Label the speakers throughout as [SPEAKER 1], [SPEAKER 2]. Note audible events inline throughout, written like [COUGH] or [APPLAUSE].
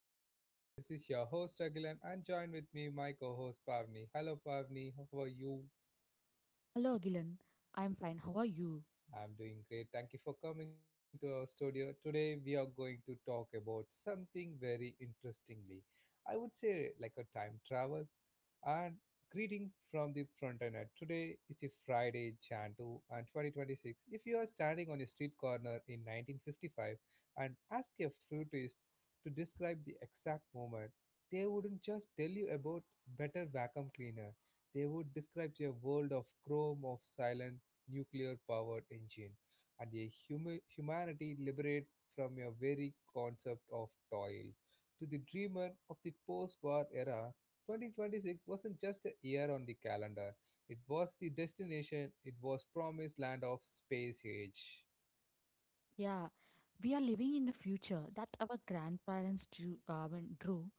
[SPEAKER 1] my podcast. This is your host Agilan and join with me my co-host Pavni. Hello Pavni, how are you?
[SPEAKER 2] Hello, Agilan. I'm fine. How are you?
[SPEAKER 1] I'm doing great. Thank you for coming to our studio. Today we are going to talk about something very interestingly. I would say like a time travel, and greeting from the Frontinet. Today is a Friday, January 2 and 2026. If you are standing on a street corner in 1955 and ask a flutist to describe the exact moment, they wouldn't just tell you about better vacuum cleaner. They would describe a world of chrome of silent nuclear powered engine and a humanity liberated from your very concept of toil. To the dreamer of the post-war era, 2026 wasn't just a year on the calendar. It was the destination. It was promised land of space age.
[SPEAKER 2] Yeah, we are living in a future that our grandparents drew, drew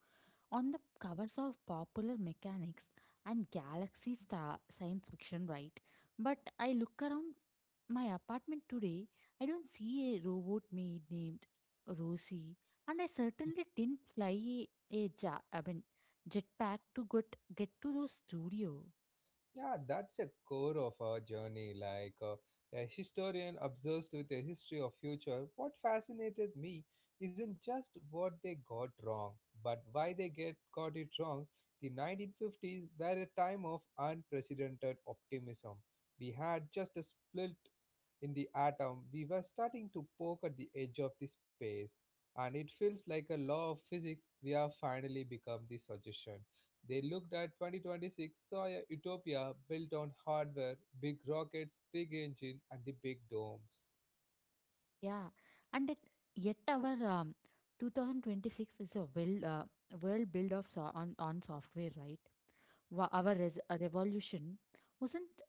[SPEAKER 2] on the covers of Popular Mechanics and Galaxy Star science fiction, right? But I look around my apartment today, I don't see a robot maid named Rosie, and I certainly didn't fly a jetpack to get to the studio.
[SPEAKER 1] Yeah, that's a core of our journey. Like a historian obsessed with a history of future, what fascinated me isn't just what they got wrong, but why they get got it wrong. The 1950s were a time of unprecedented optimism. We had just a split in the atom. We were starting to poke at the edge of the space, and it feels like a law of physics. We have finally become the suggestion. They looked at 2026, saw a utopia built on hardware, big rockets, big engines, and the big domes.
[SPEAKER 2] Yeah, and yet our 2026 is a well build of on software, right? Our revolution wasn't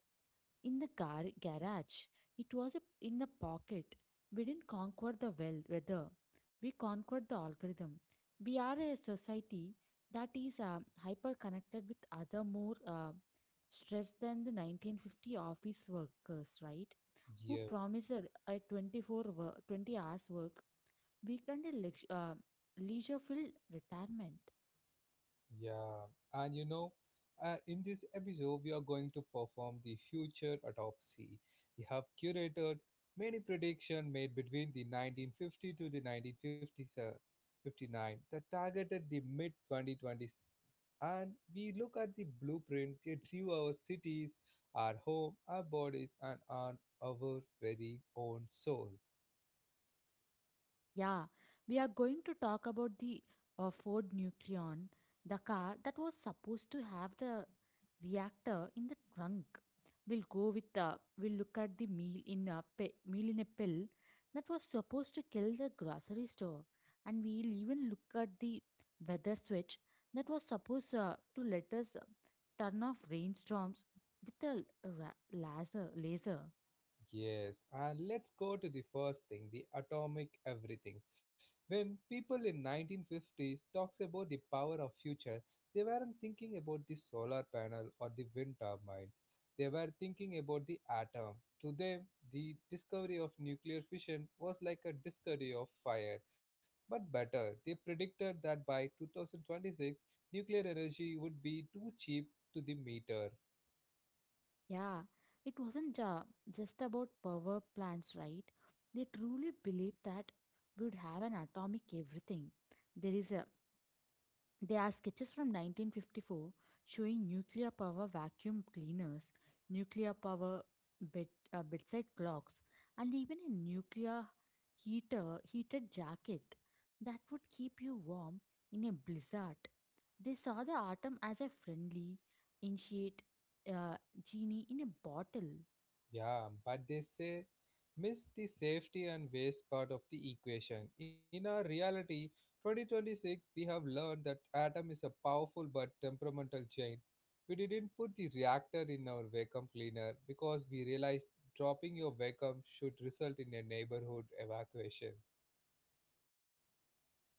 [SPEAKER 2] in the garage; it was in the pocket. We didn't conquer the weather; we conquered the algorithm. We are a society that is hyper connected with other more stressed than the 1950 office workers, right? Who
[SPEAKER 1] Yeah.
[SPEAKER 2] promised a 20 hours work weekend and leisure filled retirement.
[SPEAKER 1] Yeah, and in this episode, we are going to perform the future autopsy. We have curated many predictions made between the 1950 to the 1959 that targeted the mid 2020s. And we look at the blueprint that drew our cities, our home, our bodies, and on our very own soul.
[SPEAKER 2] Yeah, we are going to talk about the Ford Nucleon, the car that was supposed to have the reactor in the trunk. We'll go with We'll look at the meal in a pill that was supposed to kill the grocery store, and we'll even look at the weather switch that was supposed to let us turn off rainstorms with a laser.
[SPEAKER 1] Yes, and let's go to the first thing, the atomic everything. When people in 1950s talks about the power of future, they weren't thinking about the solar panel or the wind turbines. They were thinking about the atom. To them, the discovery of nuclear fission was like a discovery of fire. But better, they predicted that by 2026, nuclear energy would be too cheap to the meter.
[SPEAKER 2] Yeah, it wasn't just about power plants, right? They truly believed that we would have an atomic everything. There is a There are sketches from 1954 showing nuclear power vacuum cleaners, nuclear power bed, bedside clocks, and even a nuclear heater heated jacket that would keep you warm in a blizzard. They saw the atom as a friendly, initiate uh, genie in a bottle.
[SPEAKER 1] Yeah, but they say miss the safety and waste part of the equation. In our reality, 2026, we have learned that atom is a powerful but temperamental chain. We didn't put the reactor in our vacuum cleaner because we realized dropping your vacuum should result in a neighborhood evacuation.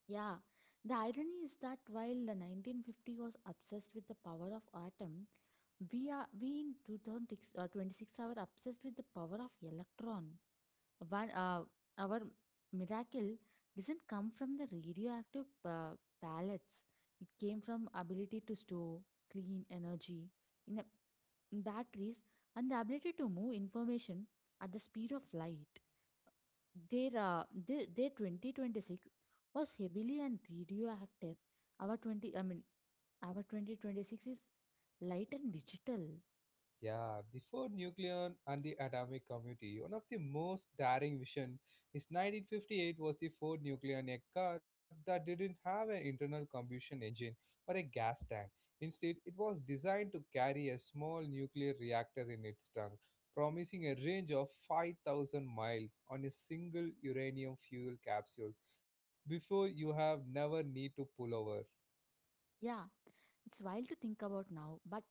[SPEAKER 2] Yeah, the irony is that while the 1950 was obsessed with the power of atom, we in 2006 uh, 26 are obsessed with the power of electron. One, uh, our miracle doesn't come from the radioactive pellets. It came from ability to store clean energy in, a, in batteries and the ability to move information at the speed of light. Their 2026 was heavily and radioactive. Our 20, I mean, our 2026 is light and digital.
[SPEAKER 1] Yeah, the Ford nuclear and the atomic committee. One of the most daring vision is 1958 was the Ford nuclear a car that didn't have an internal combustion engine or a gas tank. Instead, it was designed to carry a small nuclear reactor in its trunk, promising a range of 5,000 miles on a single uranium fuel capsule before you have never need to pull over.
[SPEAKER 2] Yeah, it's wild to think about now, but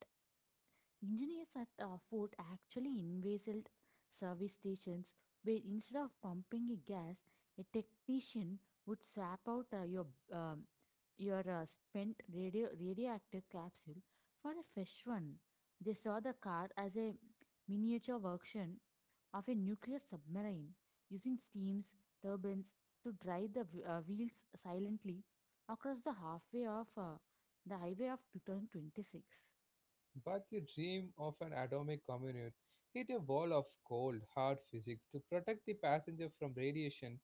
[SPEAKER 2] engineers at Ford actually envisaged service stations where instead of pumping a gas, a technician would swap out um, your spent radioactive capsule for a fresh one. They saw the car as a miniature version of a nuclear submarine, using steams turbines to drive the wheels silently across the halfway of the highway of 2026.
[SPEAKER 1] But the dream of an atomic commute hit a wall of cold, hard physics to protect the passenger from radiation.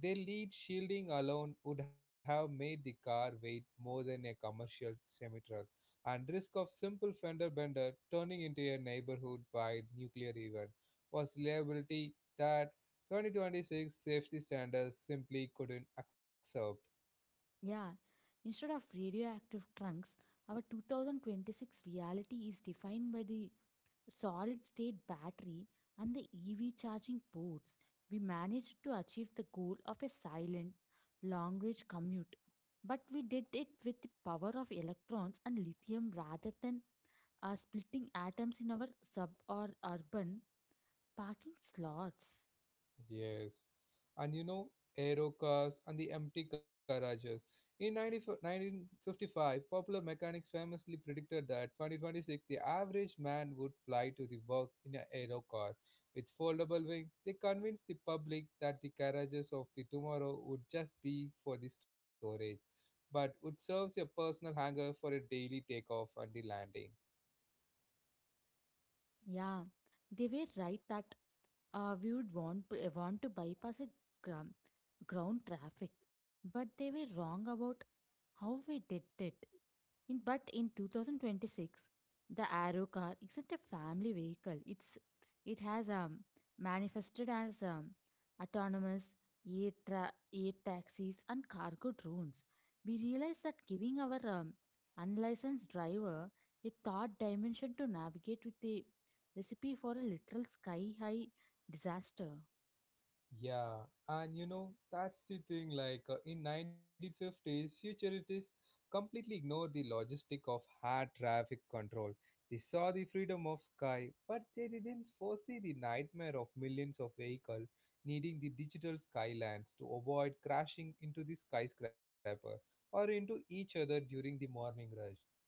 [SPEAKER 1] Their lead shielding alone would have made the car weight more than a commercial semi-truck, and risk of simple fender bender turning into a neighborhood-wide nuclear event was liability that 2026 safety standards simply couldn't absorb.
[SPEAKER 2] Yeah, instead of radioactive trunks, our 2026 reality is defined by the solid state battery and the EV charging ports. We managed to achieve the goal of a silent, long range commute, but we did it with the power of electrons and lithium rather than splitting atoms in our sub or urban parking slots.
[SPEAKER 1] Yes. And aero cars and the empty garages. In 1955, Popular Mechanics famously predicted that 2026 the average man would fly to the work in an aero car. With foldable wings, they convinced the public that the garages of the tomorrow would just be for the storage, but would serve as a personal hangar for a daily takeoff and the landing.
[SPEAKER 2] Yeah, they were right that we would want to bypass a gra- ground traffic but they were wrong about how we did it. But in 2026, the Arrow car isn't a family vehicle. It has manifested as autonomous air taxis and cargo drones. We realized that giving our unlicensed driver a third dimension to navigate with a recipe for a literal sky high disaster.
[SPEAKER 1] Yeah, and that's the thing like in 1950s futurists completely ignored the logistic of air traffic control. They saw the freedom of sky, but they didn't foresee the nightmare of millions of vehicles needing the digital skylines to avoid crashing into the skyscraper or into each other during the morning rush.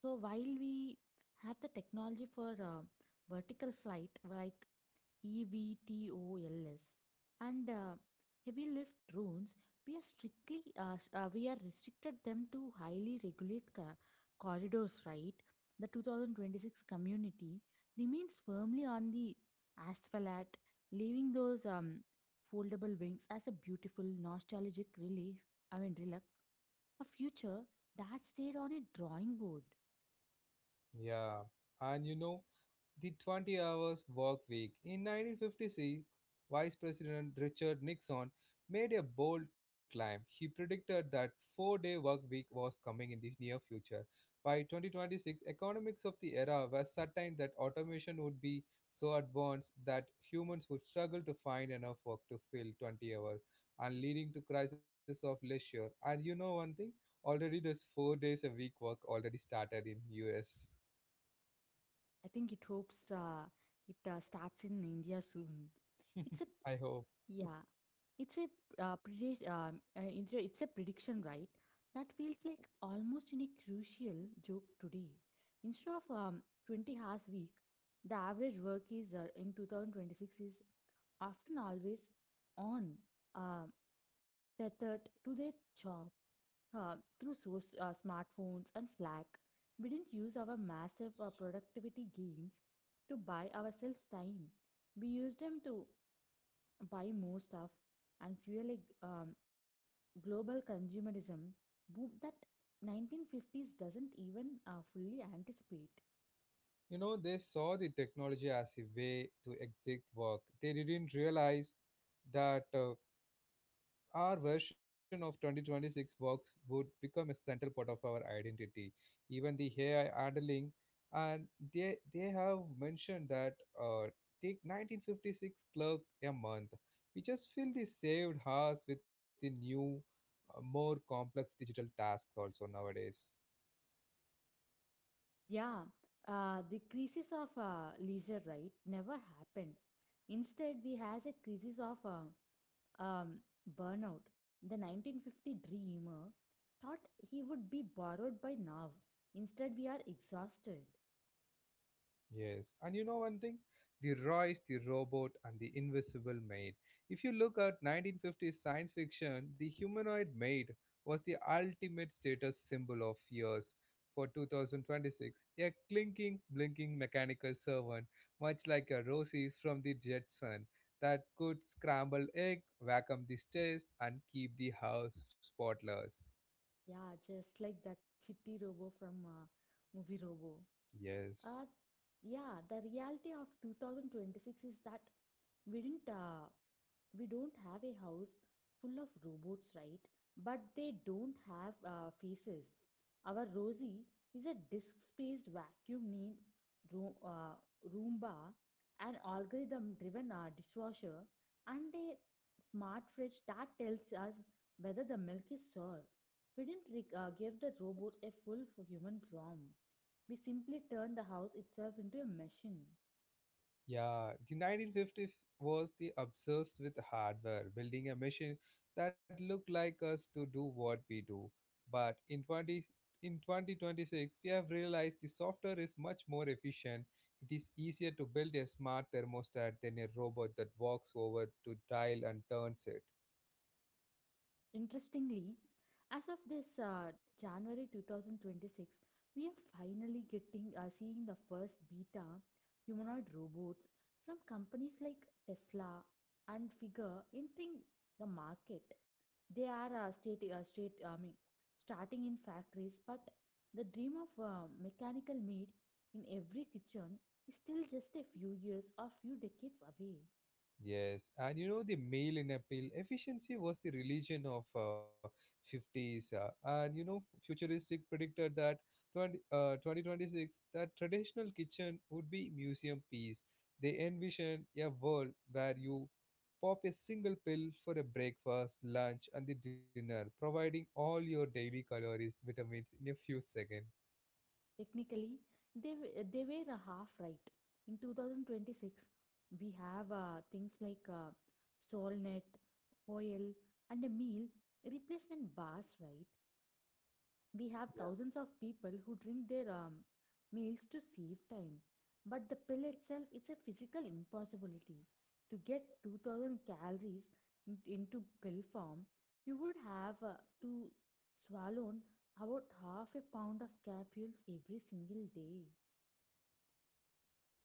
[SPEAKER 2] So while we have the technology for vertical flight like EVTOLS and heavy lift drones, we are restricted them to highly regulated corridors. Right, the 2026 community remains firmly on the asphalt, leaving those foldable wings as a beautiful nostalgic relic, a future that stayed on a drawing board.
[SPEAKER 1] Yeah, and the 20 hours work week. In 1956, Vice President Richard Nixon made a bold claim. He predicted that four-day work week was coming in the near future. By 2026, economics of the era were certain that automation would be so advanced that humans would struggle to find enough work to fill 20 hours and leading to crisis of leisure. And you know one thing? Already this 4 days a week work already started in US.
[SPEAKER 2] I think it hopes it starts in India soon. It's a
[SPEAKER 1] [LAUGHS] I hope.
[SPEAKER 2] yeah, it's a predict it- It's a prediction, right? That feels like almost in a crucial joke today. Instead of 20 hours week, the average work is in 2026 is often always on. um Tethered to their job through smartphones and Slack. We didn't use our massive productivity gains to buy ourselves time. We used them to buy more stuff and fuel a global consumerism boom that 1950s doesn't even fully anticipate.
[SPEAKER 1] They saw the technology as a way to exit work. They didn't realize that our version of 2026 works would become a central part of our identity. Even the AI handling, and they have mentioned that uh, take 1956 clerk a month. We just fill the saved hours with the new, more complex digital tasks also nowadays.
[SPEAKER 2] Yeah, the crisis of leisure, right, never happened. Instead, we has a crisis of um, burnout. The 1950 dreamer thought he would be borrowed by now. Instead, we are exhausted.
[SPEAKER 1] Yes, and you know one thing? The Royce, the robot, and the invisible maid. If you look at 1950s science fiction, the humanoid maid was the ultimate status symbol of years for 2026. A clinking, blinking mechanical servant, much like a Rosie from the Jetson, that could scramble egg, vacuum the stairs, and keep the house spotless.
[SPEAKER 2] Yeah, just like that chitty robo from movie Robo.
[SPEAKER 1] Yes.
[SPEAKER 2] Uh, yeah, the reality of 2026 is that we didn't, uh, we don't have a house full of robots, right? But they don't have faces. Our Rosie is a disk-spaced vacuum need ro- uh, Roomba, an algorithm-driven dishwasher, and a smart fridge that tells us whether the milk is sour. We didn't give the robots a human form. We simply turn the house itself into a machine.
[SPEAKER 1] Yeah, the 1950s was the obsessed with hardware, building a machine that looked like us to do what we do. But in 20, in 2026, we have realized the software is much more efficient. It is easier to build a smart thermostat than a robot that walks over to dial and turns it.
[SPEAKER 2] Interestingly, as of this January 2026, we are finally getting seeing the first beta humanoid robots from companies like Tesla and Figure entering the market. They are starting in factories, but the dream of a mechanical maid in every kitchen is still just a few years or few decades away.
[SPEAKER 1] Yes, and the male in appeal efficiency was the religion of 50s, and futuristic predicted that 20, 2026 that traditional kitchen would be museum piece. They envisioned a world where you pop a single pill for a breakfast, lunch, and the dinner, providing all your daily calories, vitamins in a few seconds.
[SPEAKER 2] Technically, they were half right. In 2026, we have things like Solnet, Hoyle, and a meal replacement bars, right? We have thousands of people who drink their meals to save time. But the pill itself, it's a physical impossibility. To get 2000 calories into pill form, you would have to swallow about half a pound of capsules every single day.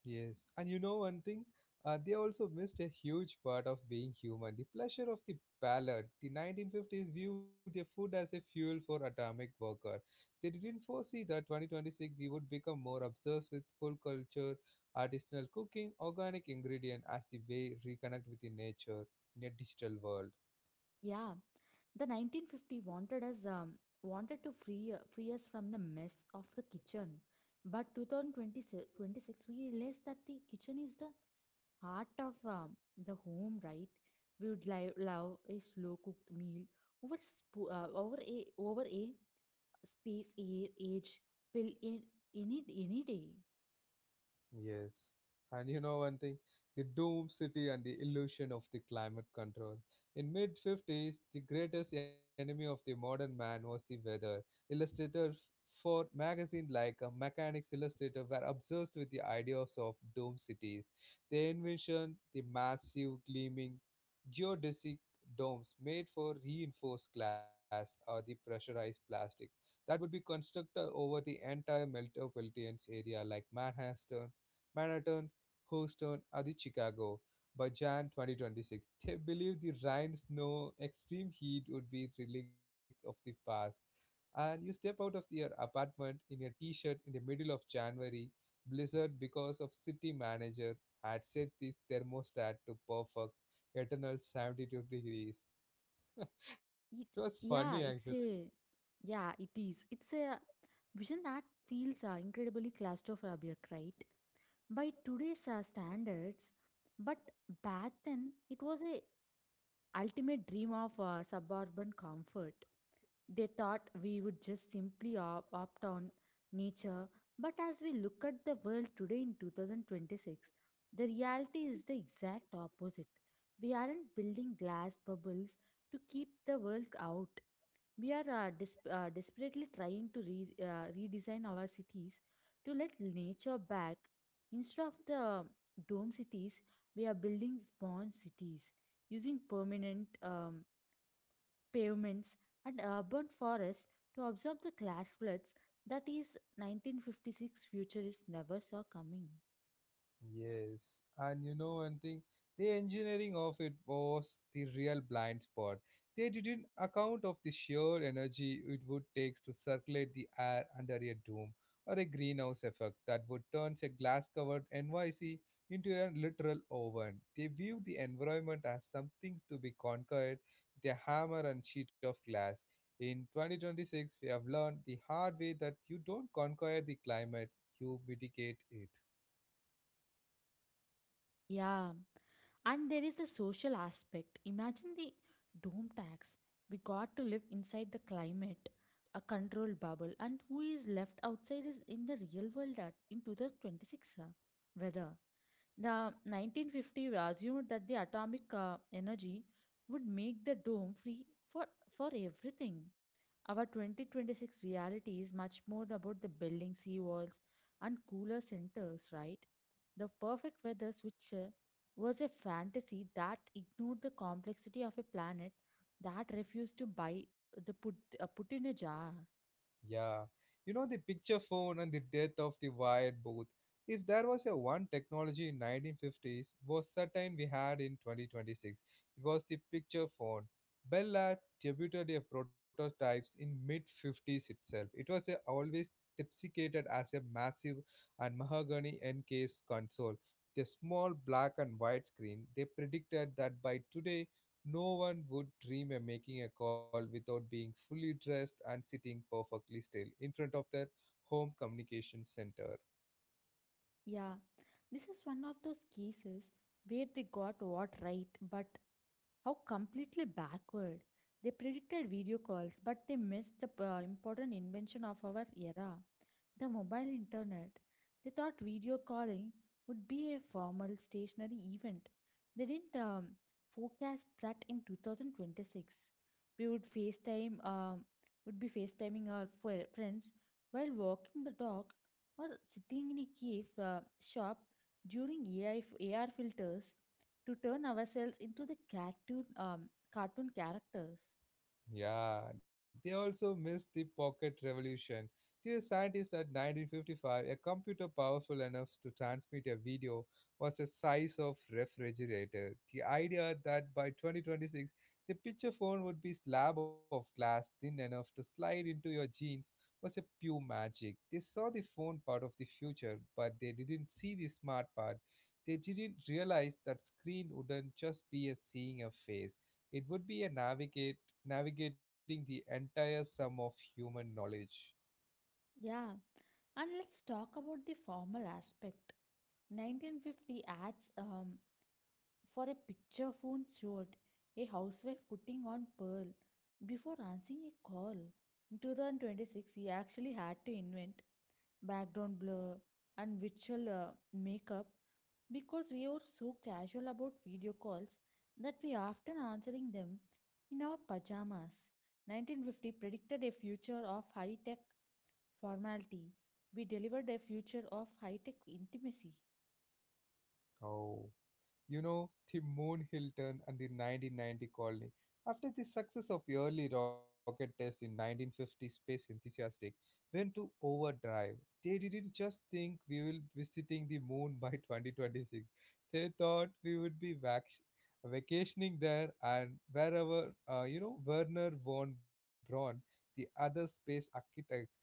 [SPEAKER 1] Yes, and you know one thing, they also missed a huge part of being human the pleasure of the palate. The 1950s viewed their food as a fuel for atomic worker. They didn't foresee that 2026 we would become more obsessed with full culture, artisanal cooking, organic ingredient as the way reconnect with the nature in a digital world.
[SPEAKER 2] Yeah, the 1950 wanted us wanted to free us from the mess of the kitchen. But 2026 we realized that the kitchen is the heart of the home, right? We would love a slow cooked meal over sp- over a over a space air age pill in any day.
[SPEAKER 1] Yes. And you know one thing, the Doom City and the illusion of the climate control. In mid 50s, the greatest enemy of the modern man was the weather. Illustrators for magazines like Mechanics Illustrator were obsessed with the ideas of Doom Cities. They envisioned the massive, gleaming, geodesic domes made for reinforced glass or the pressurized plastic that would be constructed over the entire metropolitan area like Manhattan, Houston, and the Chicago by Jan 2026. They believed the rain, snow, extreme heat would be relics of the past. And you step out of your apartment in a t-shirt in the middle of January, blizzard because of city manager had set the thermostat to perfect eternal 72 degrees. It was
[SPEAKER 2] It
[SPEAKER 1] funny actually.
[SPEAKER 2] yeah, it's a yeah, it is. It's a vision that feels incredibly claustrophobic, right? By today's standards, but back then it was a ultimate dream of suburban comfort. They thought we would just simply opt on nature, but as we look at the world today in 2026, the reality is the exact opposite. We aren't building glass bubbles to keep the world out. We are desperately trying to redesign our cities to let nature back. Instead of the dome cities, we are building sponge cities using permanent pavements, and urban forests to absorb the clash floods that is 1956 futurists never saw coming.
[SPEAKER 1] Yes, and you know one thing, the engineering of it was the real blind spot. They didn't account of the sheer energy it would take to circulate the air under a dome or a greenhouse effect that would turn a glass-covered NYC into a literal oven. They viewed the environment as something to be conquered with a hammer and sheet of glass. In 2026, we have learned the hard way that you don't conquer the climate, you mitigate it.
[SPEAKER 2] Yeah, and there is the social aspect. Imagine the dome tax. We got to live inside the climate, a controlled bubble, and who is left outside is in the real world in 2026. Weather. The 1950 we assumed that the atomic energy would make the dome free for, for everything. Our 2026 reality is much more about the building seawalls and cooler centers, right? The perfect weather switcher was a fantasy that ignored the complexity of a planet that refused to buy the put in a jar.
[SPEAKER 1] Yeah, the picture phone and the death of the wired booth. If there was a one technology in 1950s, was certain we had in 2026. It was the picture phone. Bell had debuted their prototypes in mid 50s itself. It was a always deprecated as a massive and mahogany encased console. The small black and white screen. They predicted that by today no one would dream of making a call without being fully dressed and sitting perfectly still in front of their home communication center.
[SPEAKER 2] Yeah, this is one of those cases where they got what right, but how completely backward. They predicted video calls, but they missed the important invention of our era. The mobile internet, they thought video calling would be a formal stationary event. They didn't forecast that in 2026 we would would be FaceTiming our friends while walking the dog or sitting in a cave shop during AR filters to turn ourselves into the cartoon characters.
[SPEAKER 1] Yeah, they also missed the pocket revolution. Dear scientists, at 1955, a computer powerful enough to transmit a video was the size of refrigerator. The idea that by 2026, the picture phone would be slab of glass thin enough to slide into your jeans was a pure magic. They saw the phone part of the future, but they didn't see the smart part. They didn't realize that screen wouldn't just be a seeing a face it would be a navigate navigating the entire sum of human knowledge.
[SPEAKER 2] Yeah, and let's talk about the formal aspect. 1950 ads for a picture phone showed a housewife putting on pearl before answering a call. In 2026, he actually had to invent background blur and virtual makeup because we are so casual about video calls that we are often answering them in our pajamas. 1950 predicted a future of high-tech formality. We delivered a future of high-tech intimacy.
[SPEAKER 1] how the Moon Hilton and the 1990 colony. After the success of early rocket tests in 1950, Space Enthusiastic went to overdrive. They didn't just think we will be visiting the moon by 2026. They thought we would be vacationing there and wherever, Werner von Braun, the other space architect,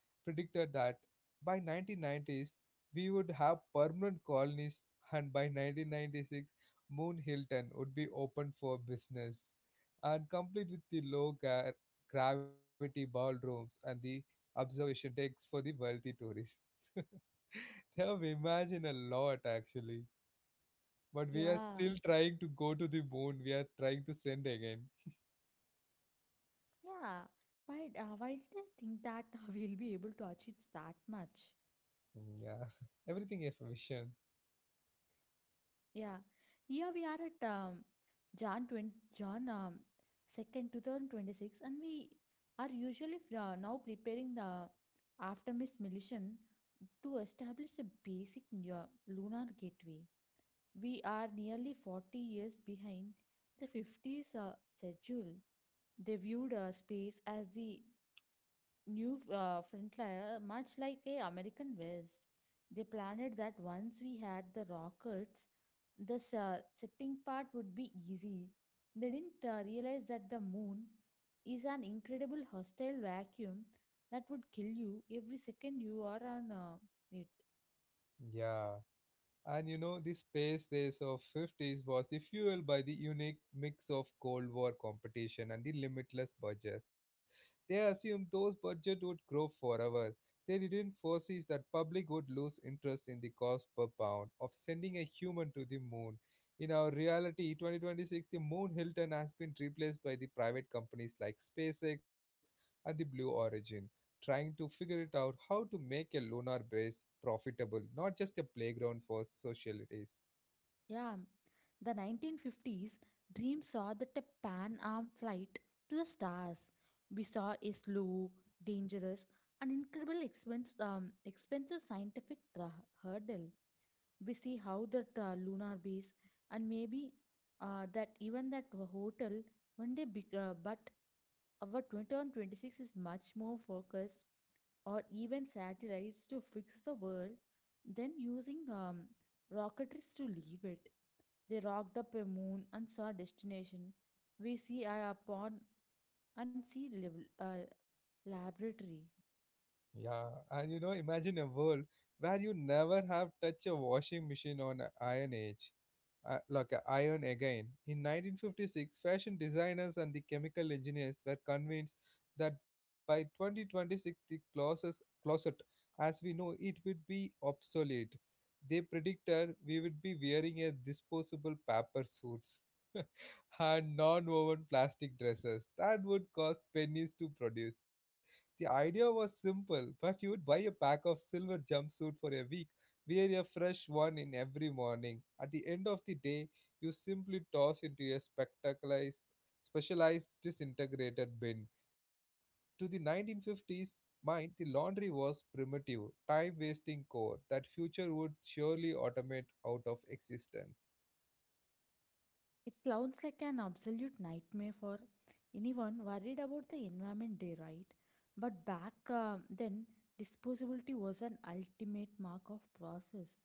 [SPEAKER 1] predicted that by 1990s we would have permanent colonies and by 1996 Moon Hilton would be open for business, and complete with the low gravity ballrooms and the observation decks for the wealthy tourists. [LAUGHS] They have imagined [LAUGHS] a lot actually, but we are
[SPEAKER 2] Yeah.
[SPEAKER 1] still trying to go to the moon. We are trying to send again.
[SPEAKER 2] Yeah, why did I think that [LAUGHS] we'll be able to achieve that much?
[SPEAKER 1] Mm, yeah, [LAUGHS] everything is vision.
[SPEAKER 2] Yeah, here we are at um, Jan 20, Jan 2nd, 2026, and we are now preparing the aftermiss mission to establish a lunar gateway. We are nearly 40 years behind the 50s schedule. They viewed space as the new frontier, much like a American West. They planned that once we had the rockets, the setting part would be easy. They didn't realize that the moon is an incredible hostile vacuum that would kill you every second you are on it.
[SPEAKER 1] Yeah. And you know, the space race of 50s was the fuel by the unique mix of Cold War competition and the limitless budget. They assumed those budgets would grow forever. They didn't foresee that public would lose interest in the cost per pound of sending a human to the moon. In our reality, 2026, the Moon Hilton has been replaced by the private companies like SpaceX and the Blue Origin trying to figure it out how to make a lunar base profitable, not just a playground for socialities.
[SPEAKER 2] Yeah, the 1950s dream saw that a Pan Am flight to the stars. We saw a slow, dangerous, and incredibly expensive scientific hurdle. We see how that lunar base and maybe that even that hotel one day, but our 2026 is much more focused or even satellites to fix the world, then using rocketries to leave it. They rocked up a moon and saw destination. We see a pond and see laboratory.
[SPEAKER 1] Yeah, and you know, imagine a world where you never have touched a washing machine on a Iron Age, like a iron again. In 1956, fashion designers and the chemical engineers were convinced that by 2026, the closest closet, as we know, it would be obsolete. They predicted we would be wearing a disposable paper suits [LAUGHS] and non-woven plastic dresses that would cost pennies to produce the idea was simple, but you would buy a pack of silver jumpsuit for a week, wear a fresh one in every morning. At the end of the day, you simply toss into a spectacularized, specialized disintegrated bin. To the 1950s mind, the laundry was primitive, time wasting chore that future would surely automate out of existence.
[SPEAKER 2] It sounds like an absolute nightmare for anyone worried about the environment day, right? But back then, disposability was an ultimate mark of process.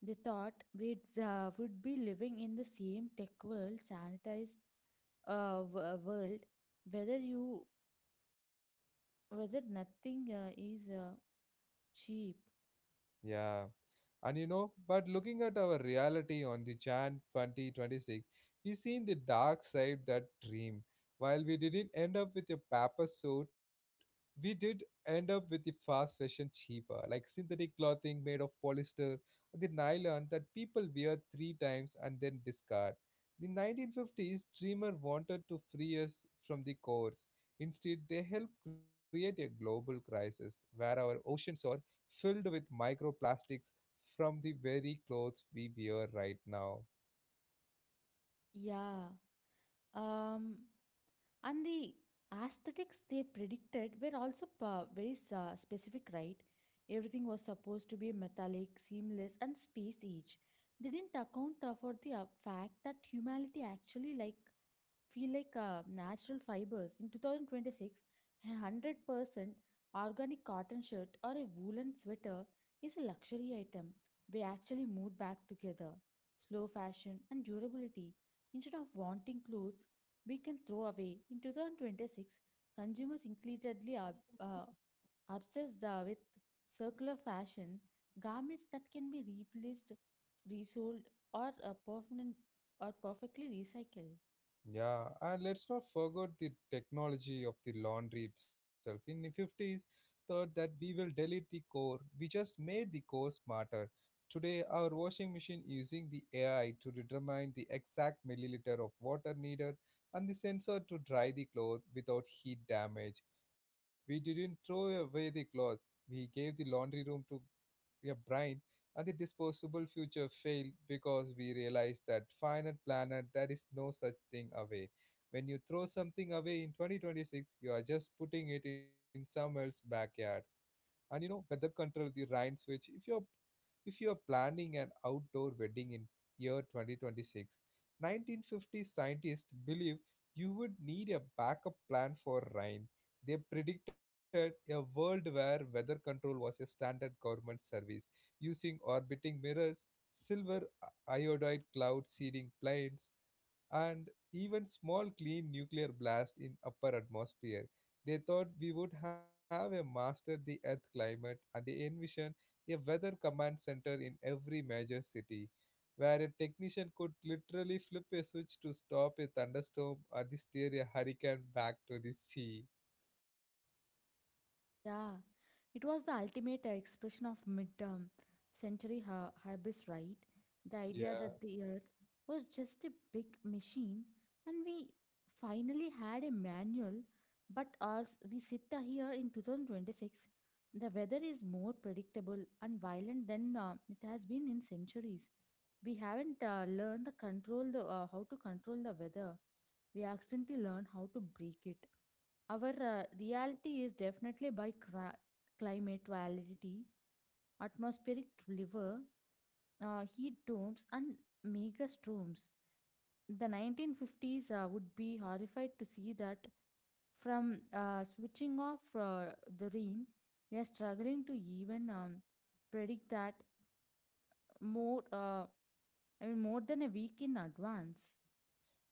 [SPEAKER 2] They thought we would be living in the same tech world sanitized world, whether you whether nothing is cheap.
[SPEAKER 1] Yeah. And you know, but looking at our reality on the Jan 2026, we seen the dark side that dream. While we didn't end up with a paper suit, we did end up with the fast fashion cheaper, like synthetic clothing made of polyester, the nylon that people wear three times and then discard. The 1950s dreamer wanted to free us from the course. Instead, they helped create a global crisis where our oceans are filled with microplastics from the very clothes we wear right now.
[SPEAKER 2] Yeah. um and the aesthetics they predicted were also very specific, right? Everything was supposed to be metallic, seamless, and space age. They didn't account for the fact that humanity actually like feel like natural fibers. In 2026, a 100% organic cotton shirt or a woolen sweater is a luxury item. We actually moved back together. Slow fashion and durability. Instead of wanting clothes we can throw away, in 2026, consumers increasingly are uh, obsessed with circular fashion, garments that can be replaced, resold, or permanent or perfectly recycled.
[SPEAKER 1] Yeah, and let's not forget the technology of the laundry itself. In the 50s, thought that we will delete the core. We just made the core smarter. Today, our washing machine using the AI to determine the exact milliliter of water needed and the sensor to dry the clothes without heat damage. We didn't throw away the clothes. We gave the laundry room to a brain, and the disposable future failed because we realized that finite planet there is no such thing away. When you throw something away in 2026, you are just putting it in some else's backyard. And you know, weather control the rain switch. If your if you are planning an outdoor wedding in year 2026, 1950 believe you would need a backup plan for rain. They predicted a world where weather control was a standard government service using orbiting mirrors, silver iodide cloud seeding planes, and even small clean nuclear blast in upper atmosphere. They thought we would have a master the earth climate and they envisioned a weather command center in every major city, where a technician could literally flip a switch to stop a thunderstorm or steer a hurricane back to the sea.
[SPEAKER 2] Yeah, it was the ultimate expression of mid-term century hybris, right? The idea
[SPEAKER 1] Yeah.
[SPEAKER 2] that the earth was just a big machine and we finally had a manual, but as we sit here in 2026, the weather is more predictable and violent than it has been in centuries. We haven't learned the control the how to control the weather. We accidentally learn how to break it. Our reality is definitely by climate volatility, atmospheric river, heat domes, and mega storms. The 1950s would be horrified to see that from switching off the rain, we are struggling to even predict that more, I mean, more than a week in advance.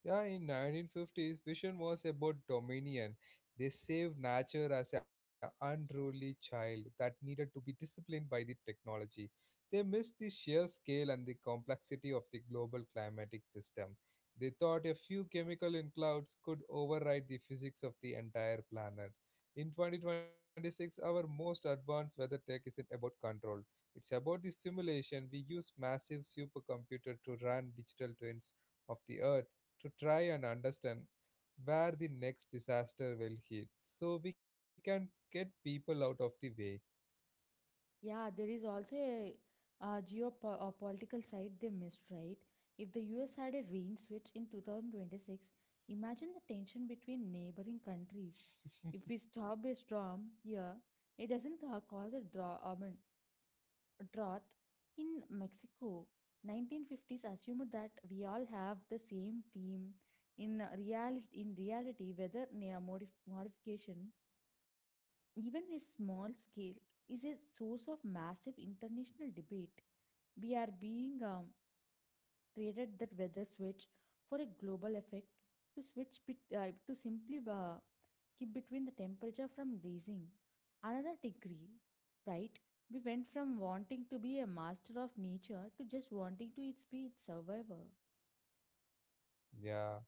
[SPEAKER 1] Yeah, in 1950s, vision was about dominion. They saved nature as an unruly child that needed to be disciplined by the technology. They missed the sheer scale and the complexity of the global climatic system. They thought a few chemical in clouds could override the physics of the entire planet. In 2026, our most advanced weather tech isn't about control. It's about the simulation. We use massive supercomputer to run digital twins of the Earth to try and understand where the next disaster will hit so we can get people out of the way.
[SPEAKER 2] Yeah, there is also a, political side they missed, right? If the US had a rain switch in 2026, imagine the tension between neighboring countries. If we stop a storm here, it doesn't cause a drought in Mexico. 1950s assumed that we all have the same theme. In reality, weather modification even a small scale is a source of massive international debate. We are being traded that weather switch for a global effect to switch bet to simply keep between the temperature from raising another degree, right? We went from wanting to be a master of nature to just wanting to its be its survivor.
[SPEAKER 1] Yeah.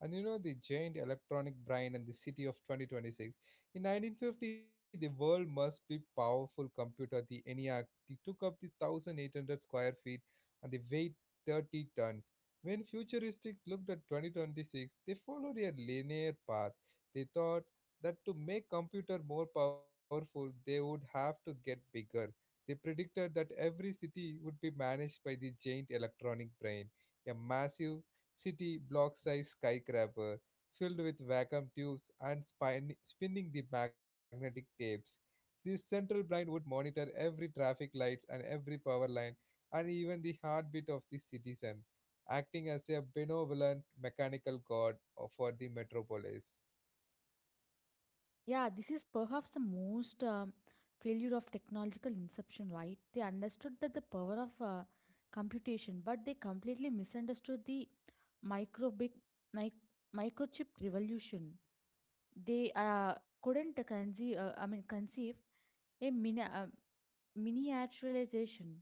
[SPEAKER 1] And you know the giant electronic brain and the city of 2026. In 1950, the world must be powerful computer, the ENIAC. It took up the 1,800 square feet and the weight 30 tons. When futurists looked at 2026, they followed a linear path. They thought that to make computer more powerful, they would have to get bigger. They predicted that every city would be managed by the giant electronic brain, a massive shitty block-sized skyscraper filled with vacuum tubes and spinning the magnetic tapes. This central brain would monitor every traffic light and every power line and even the heartbeat of the citizen, acting as a benevolent mechanical god for the metropolis.
[SPEAKER 2] Yeah, this is perhaps the most failure of technological inception, right? They understood that the power of computation, but they completely misunderstood the microbic mic- microchip revolution. They couldn't conceive a miniaturization.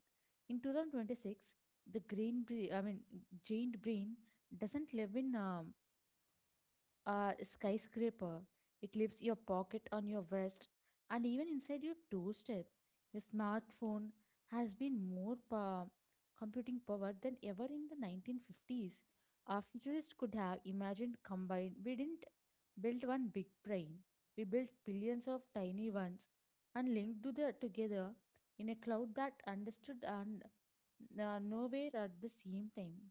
[SPEAKER 2] In 2026, the green, bre- I mean, giant brain doesn't live in a skyscraper. It leaves your pocket on your vest and even inside your doorstep. Your smartphone has been more computing power than ever in the 1950s. Our futurists could have imagined combined. We didn't build one big brain. We built billions of tiny ones and linked to the, together in a cloud that understood and nowhere at the same time.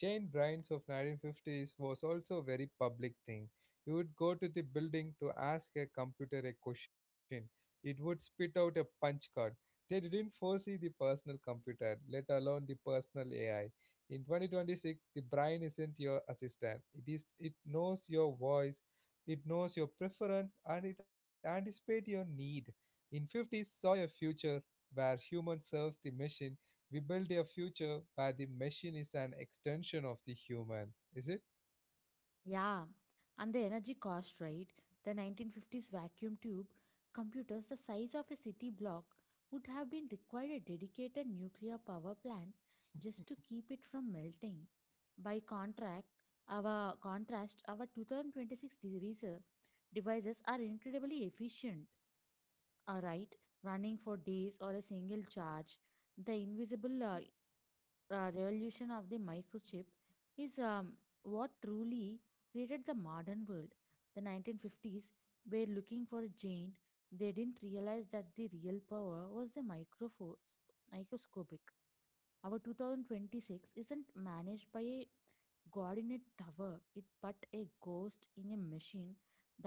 [SPEAKER 1] Jane Brains of 1950s was also a very public thing. You would go to the building to ask a computer a question. It would spit out a punch card. They didn't foresee the personal computer, let alone the personal AI. In 2026, the brain isn't your assistant. It is it knows your voice, it knows your preference, and it anticipates your need. In 50s saw a future where human serves the machine we build a future where the machine is an extension of the human, is it?
[SPEAKER 2] Yeah, and the energy cost, right? The 1950s vacuum tube computers the size of a city block would have been required a dedicated nuclear power plant just to keep it from melting. By contract, our contrast, our 2026 devices are incredibly efficient, all right, running for days or a single charge. The invisible revolution of the microchip is what truly created the modern world. The 1950s were looking for a giant. They didn't realize that the real power was the microscopic. Our 2026 isn't managed by a god in a tower, it but a ghost in a machine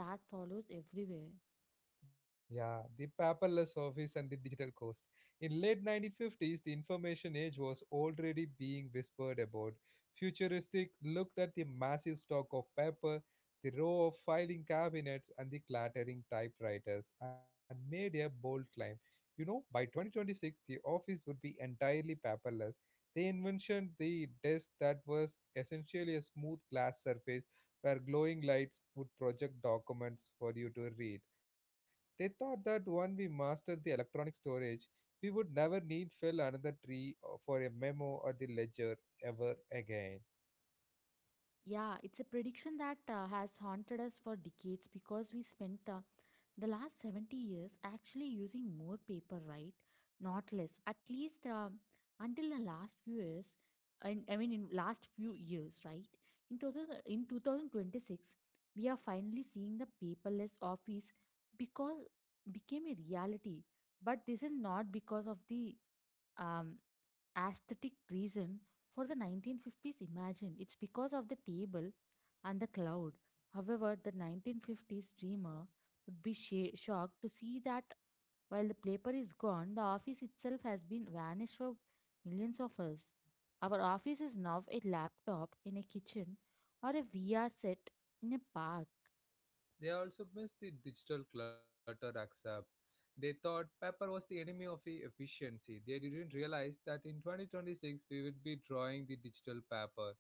[SPEAKER 2] that follows everywhere.
[SPEAKER 1] Yeah, the paperless office and the digital coast. In late 1950s, the information age was already being whispered about. Futuristic looked at the massive stock of paper, the row of filing cabinets, and the clattering typewriters, and made a bold claim. You know, by 2026, the office would be entirely paperless. They invented the desk that was essentially a smooth glass surface where glowing lights would project documents for you to read they thought that once we mastered the electronic storage, we would never need fill another tree or- for a memo or the ledger ever again.
[SPEAKER 2] Yeah, it's a prediction that has haunted us for decades because we spent the last 70 years actually using more paper, right? Not less. At least until the last few years, and I mean in last few years, right? In 2000, in 2026, we are finally seeing the paperless office because became a reality. But this is not because of the um, aesthetic reason for the 1950s imagine, it's because of the table and the cloud. However, the 1950s dreamer would be shocked to see that while the paper is gone, the office itself has been vanished for millions of us. Our office is now a laptop in a kitchen or a VR set in a park.
[SPEAKER 1] They also missed the digital clutter accept. They thought paper was the enemy of efficiency. They didn't realize that in 2026 we would be drawing the digital paper.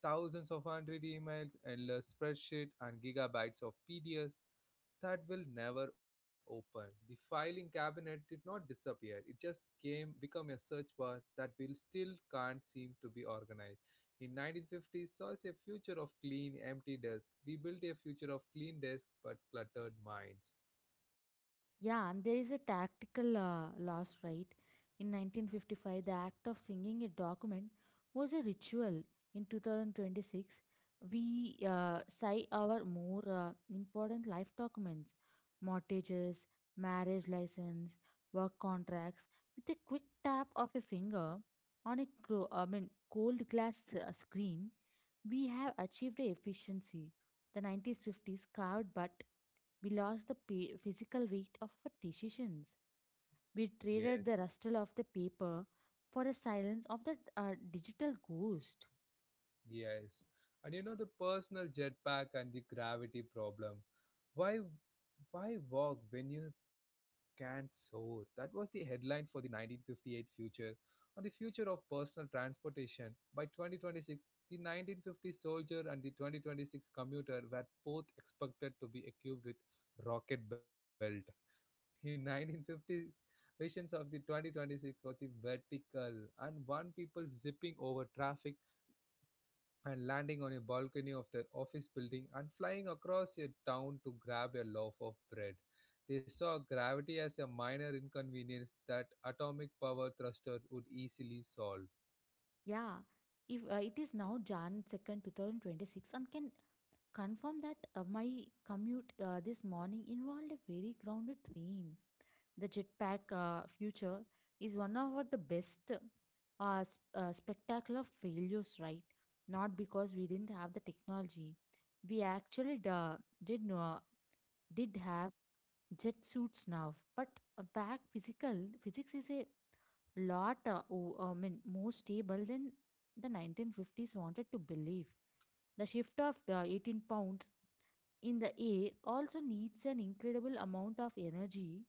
[SPEAKER 1] Thousands of hundred emails, endless spreadsheet, and gigabytes of PDFs that will never open. The filing cabinet did not disappear. It just came become a search bar that will still can't seem to be organized. In 1950s saw us a future of clean empty desk. We built a future of clean desk but cluttered minds.
[SPEAKER 2] Yeah, and there is a tactical loss, right? In 1955, the act of singing a document was a ritual. In 2026, we sign our more important life documents, mortgages, marriage license, work contracts, with a quick tap of a finger on a cold glass screen. We have achieved a efficiency. The 1950s carved, but we lost the physical weight of our decisions. We
[SPEAKER 1] Yes.
[SPEAKER 2] traded the rustle of the paper for the silence of the digital ghost.
[SPEAKER 1] Yes. And you know the personal jetpack and the gravity problem. Why why walk when you can't soar? That was the headline for the 1958 future on the future of personal transportation. By 2026, the 1950 soldier and the 2026 commuter were both expected to be equipped with rocket belt. In 1950 visions of the 2026 was the vertical and one people zipping over traffic and landing on a balcony of their office building and flying across a town to grab a loaf of bread. They saw gravity as a minor inconvenience that atomic power thruster would easily solve.
[SPEAKER 2] Yeah, if it is now Jan. 2nd, 2026, and can confirm that my commute this morning involved a very grounded train. The jetpack future is one of the best spectacular failures, right? Not because we didn't have the technology. We actually did know did have jet suits now, but back physical physics is a lot, I mean, more stable than the 1950s wanted to believe. The shift of the 18 pounds in the air also needs an incredible amount of energy,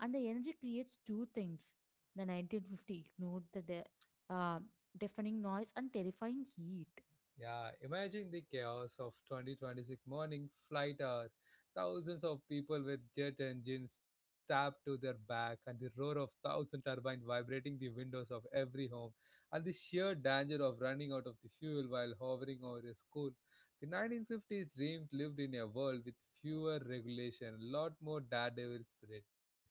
[SPEAKER 2] and the energy creates two things. The 1950 ignored the uh, deafening noise and terrifying heat.
[SPEAKER 1] Yeah, imagine the chaos of 2026 morning flight hour. Thousands of people with jet engines tapped to their back, and the roar of thousand turbines vibrating the windows of every home, and the sheer danger of running out of the fuel while hovering over a school. The 1950s dreams lived in a world with fewer regulation, a lot more daredevil spirit.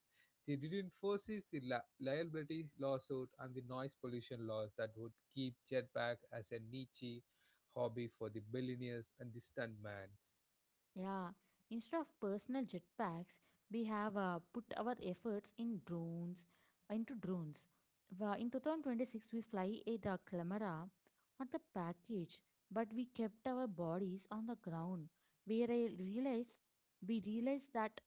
[SPEAKER 1] They didn't foresee the liability lawsuit and the noise pollution laws that would keep jetpack as a niche hobby for the billionaires and the stuntmans.
[SPEAKER 2] Yeah, instead of personal jetpacks, we have put our efforts into drones. In 2026, we fly a the camera on the package, but we kept our bodies on the ground. Realized we realized that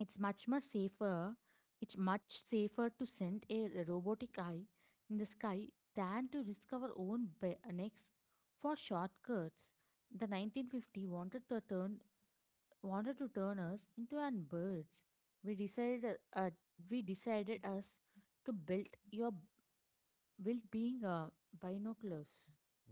[SPEAKER 2] it's much more safer. It's much safer to send a robotic eye in the sky than to risk our own necks for shortcuts. The 1950 wanted to turn us into an birds. We decided uh, we decided us to build your build being binoculars.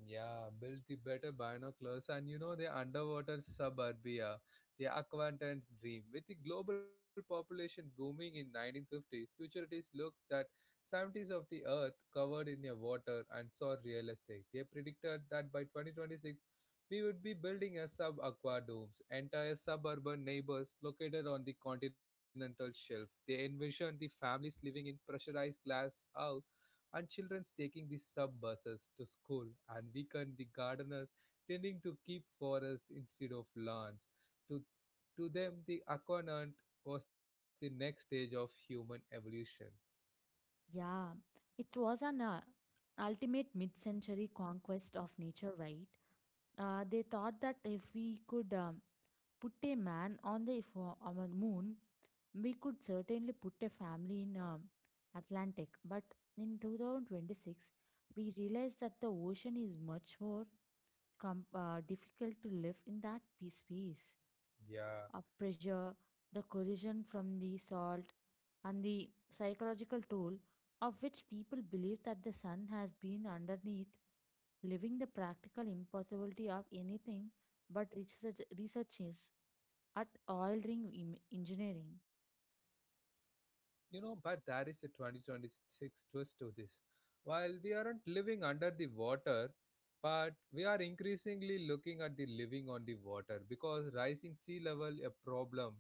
[SPEAKER 1] Yeah, build the better binoculars and you know the underwater suburbia, the aquatant's dream. With the global population booming in 1950s, futurists looked that 70s of the earth covered in a water and saw real estate. They predicted that by 2026, we would be building a sub-aqua domes, entire suburban neighbors located on the continental shelf. They envisioned the families living in pressurized glass house and children taking the sub buses to school, and weekend the gardeners tending to keep forests instead of lawns. To, to them, the aquanant was the next stage of human evolution.
[SPEAKER 2] Yeah, it was an ultimate mid-century conquest of nature, right? They thought that if we could put a man on the if, on the moon, we could certainly put a family in Atlantic. But in 2026, we realized that the ocean is much more difficult to live in that space.
[SPEAKER 1] Yeah.
[SPEAKER 2] Pressure, the corrosion from the salt, and the psychological toll of which people believe that the sun has been underneath, living the practical impossibility of anything but researches at oil ring engineering.
[SPEAKER 1] You know, but there is a 2026 twist to this. While we aren't living under the water, but we are increasingly looking at the living on the water because rising sea level a problem.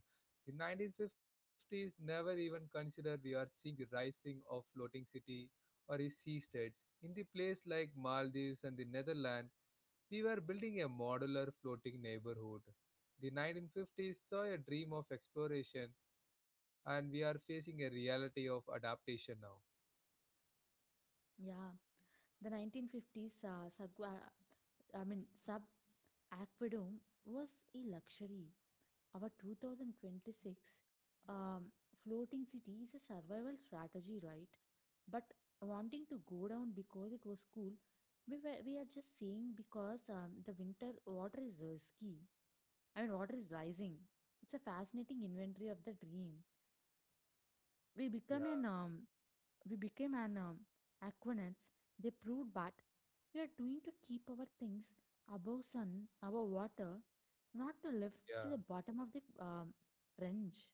[SPEAKER 1] The 1950s never even considered we are seeing the rising of floating city or a sea states. In the place like Maldives and the Netherlands, we were building a modular floating neighborhood. The 1950s saw a dream of exploration, and we are facing a reality of adaptation now.
[SPEAKER 2] Yeah, the 1950s sub, I mean sub aqueduct was a luxury. Our 2026 um, floating city is a survival strategy, right? But wanting to go down because it was cool, we are just saying because the winter water is risky. I mean, water is rising. It's a fascinating inventory of the dream. We
[SPEAKER 1] Yeah,
[SPEAKER 2] become an um, we became an aquanauts. They proved that we are doing to keep our things above sun, above water, not to live to
[SPEAKER 1] yeah.
[SPEAKER 2] the bottom of the trench.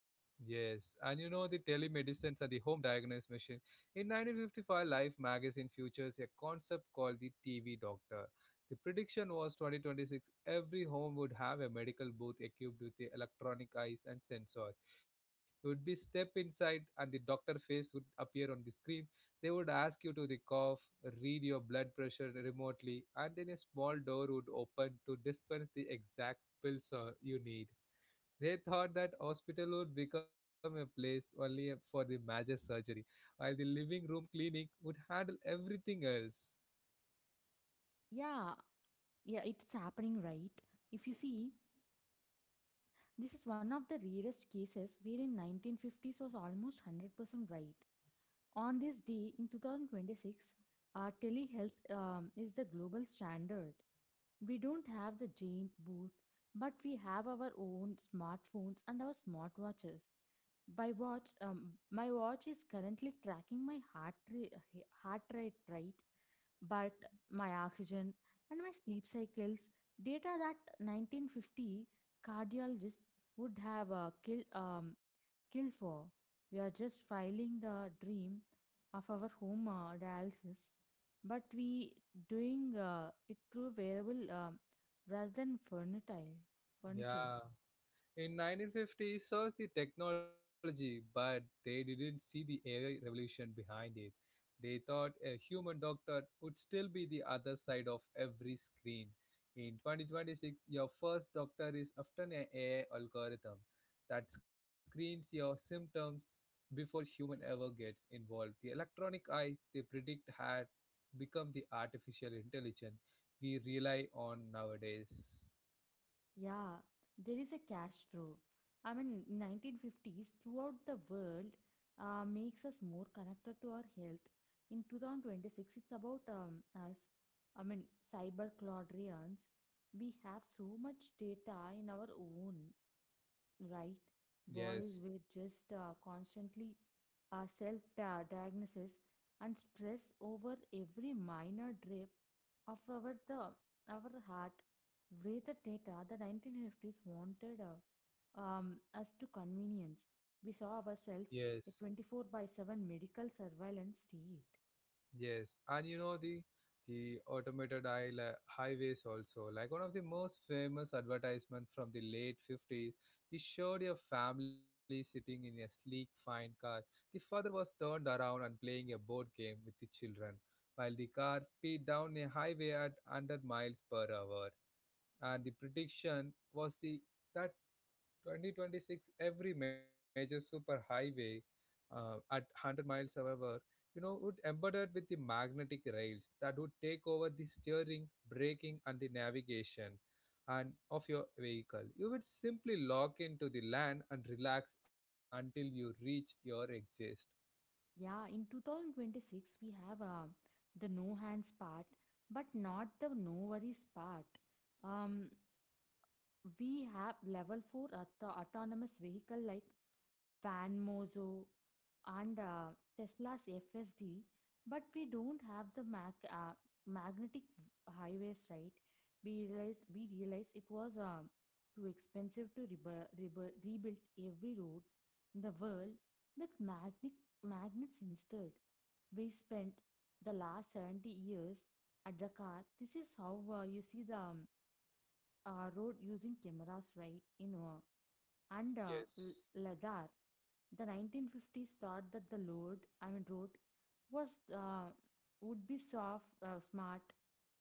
[SPEAKER 1] Yes, and you know the telemedicines and the home diagnosis machine. In 1955, Life magazine features a concept called the TV doctor. The prediction was 2026 every home would have a medical booth equipped with the electronic eyes and sensors. You would be step inside and the doctor face would appear on the screen. They would ask you to the cough, read your blood pressure remotely, and then a small door would open to dispense the exact pills you need. They thought that hospital would become a place only for the major surgery, while the living room clinic would handle everything else.
[SPEAKER 2] Yeah. Yeah, it's happening, right? If you see, this is one of the rarest cases where in 1950s was almost 100% right. On this day in 2026, telehealth is the global standard. We don't have the giant booth, but we have our own smartphones and our smartwatches. By watch, my watch is currently tracking my heart rate, right? But my oxygen and my sleep cycles, data that 1950 cardiologist would have killed for. We are just filing the dream of our home dialysis, but we doing it through wearable rather than furniture.
[SPEAKER 1] Yeah. In 1950, saw the technology, but they didn't see the AI revolution behind it. They thought a human doctor would still be the other side of every screen. In 2026, your first doctor is often an AI algorithm that screens your symptoms before human ever gets involved. The electronic eyes they predict had become the artificial intelligence we rely on nowadays.
[SPEAKER 2] Yeah, there is a cash through. I mean, 1950s throughout the world makes us more connected to our health. In 2026, it's about us. I mean, cyber clodrians. We have so much data in our own, right, bodies,
[SPEAKER 1] Yes,
[SPEAKER 2] with just constantly self diagnosis and stress over every minor drip of our the our heart with the data the 1950s wanted, us to convenience. We saw
[SPEAKER 1] yes.
[SPEAKER 2] ourselves a 24 by 7 medical surveillance state.
[SPEAKER 1] Yes, and you know the automated highways also. Like one of the most famous advertisement from the late 50s, it showed a family sitting in a sleek, fine car. The father was turned around and playing a board game with the children, while the car speed down a highway at 100 miles per hour. And the prediction was the that 2026, every major superhighway at 100 miles an hour, you know, would embedded with the magnetic rails that would take over the steering, braking, and the navigation and of your vehicle. You would simply lock into the land and relax until you reach your exit.
[SPEAKER 2] Yeah, in 2026 we have the no hands part but not the no worries part. Um. We have level 4 autonomous vehicle like Vanmozo and Tesla's FSD, but we don't have the magnetic highways, right? We realized it was too expensive to rebuild every road in the world with magnets instead. We spent the last 70 years at the car. This is how you see the road using cameras, right? You know, and L-
[SPEAKER 1] Yes.
[SPEAKER 2] Ladakh, the 1950s thought that the road was would be smart.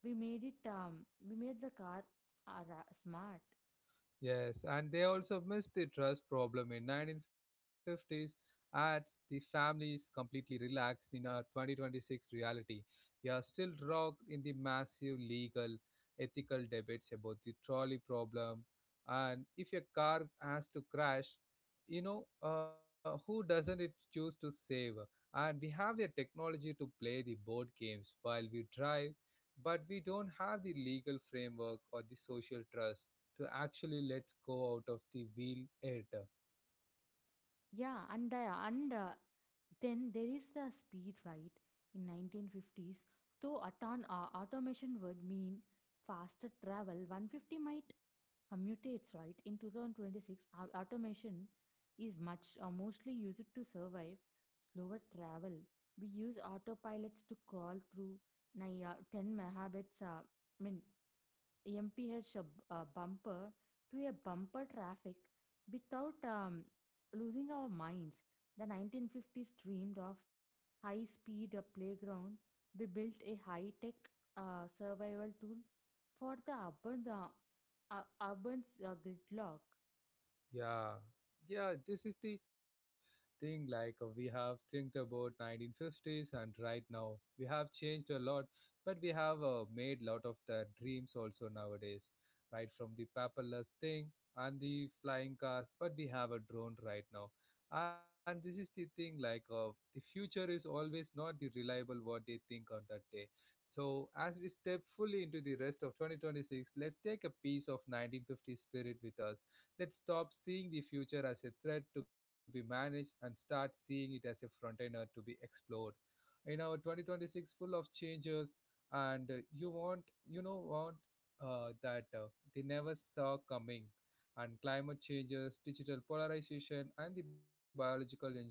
[SPEAKER 2] We made it. We made the car smart.
[SPEAKER 1] Yes, and they also missed the trust problem in 1950s as the families completely relaxed in a 2026 reality. We are still rocked in the massive legal, ethical debates about the trolley problem. And if a car has to crash, you know, who doesn't it choose to save? And we have a technology to play the board games while we drive, but we don't have the legal framework or the social trust to actually let's go out of the wheel it.
[SPEAKER 2] Yeah, and then there is the speed, right? In 1950s, though automation would mean faster travel, 150 might mutates, right? In 2026, automation is much mostly used to survive slower travel. We use autopilots to crawl through 10 megabytes, I mean MPH, a bumper to a bumper traffic without losing our minds. The 1950s dreamed of high speed playground. We built a high tech survival tool for the urban, gridlock.
[SPEAKER 1] Yeah, yeah, this is the thing. Like, we have think about 1950s, and right now we have changed a lot, but we have made lot of the dreams also nowadays, right? From the paperless thing and the flying cars, but we have a drone right now. And this is the thing, like, the future is always not the reliable what they think on that day. So, as we step fully into the rest of 2026, let's take a piece of 1950 spirit with us. Let's stop seeing the future as a threat to be managed and start seeing it as a frontier to be explored. In our 2026 full of changes and you want you know want that they never saw coming and climate changes, digital polarization and the biological engineering.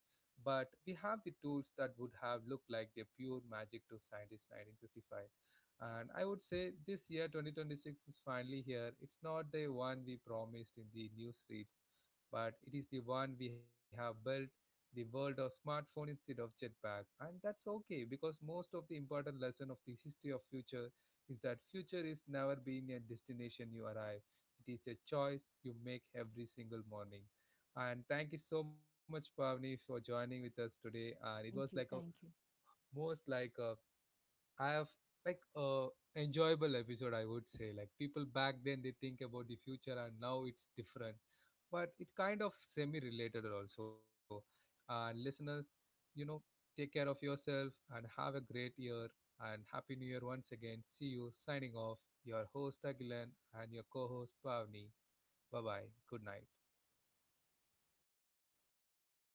[SPEAKER 1] But we have the tools that would have looked like the pure magic to scientists 1955. And I would say this year 2026 is finally here. It's not the one we promised in the news reads, but it is the one we have built the world of smartphone instead of jetpack. And that's okay because most of the important lesson of the history of future is that future is never been a destination you arrive. It is a choice you make every single morning. And thank you so much, Pavni, for joining with us today. And it was
[SPEAKER 2] Thank
[SPEAKER 1] like a
[SPEAKER 2] you. Thank you.
[SPEAKER 1] most like a I have like a enjoyable episode. I would say like people back then they think about the future and now it's different, but it kind of semi related also. And listeners, you know, take care of yourself and have a great year and happy new year once again. See you signing off. Your host Agilan and your co-host Pavni. Bye bye. Good night.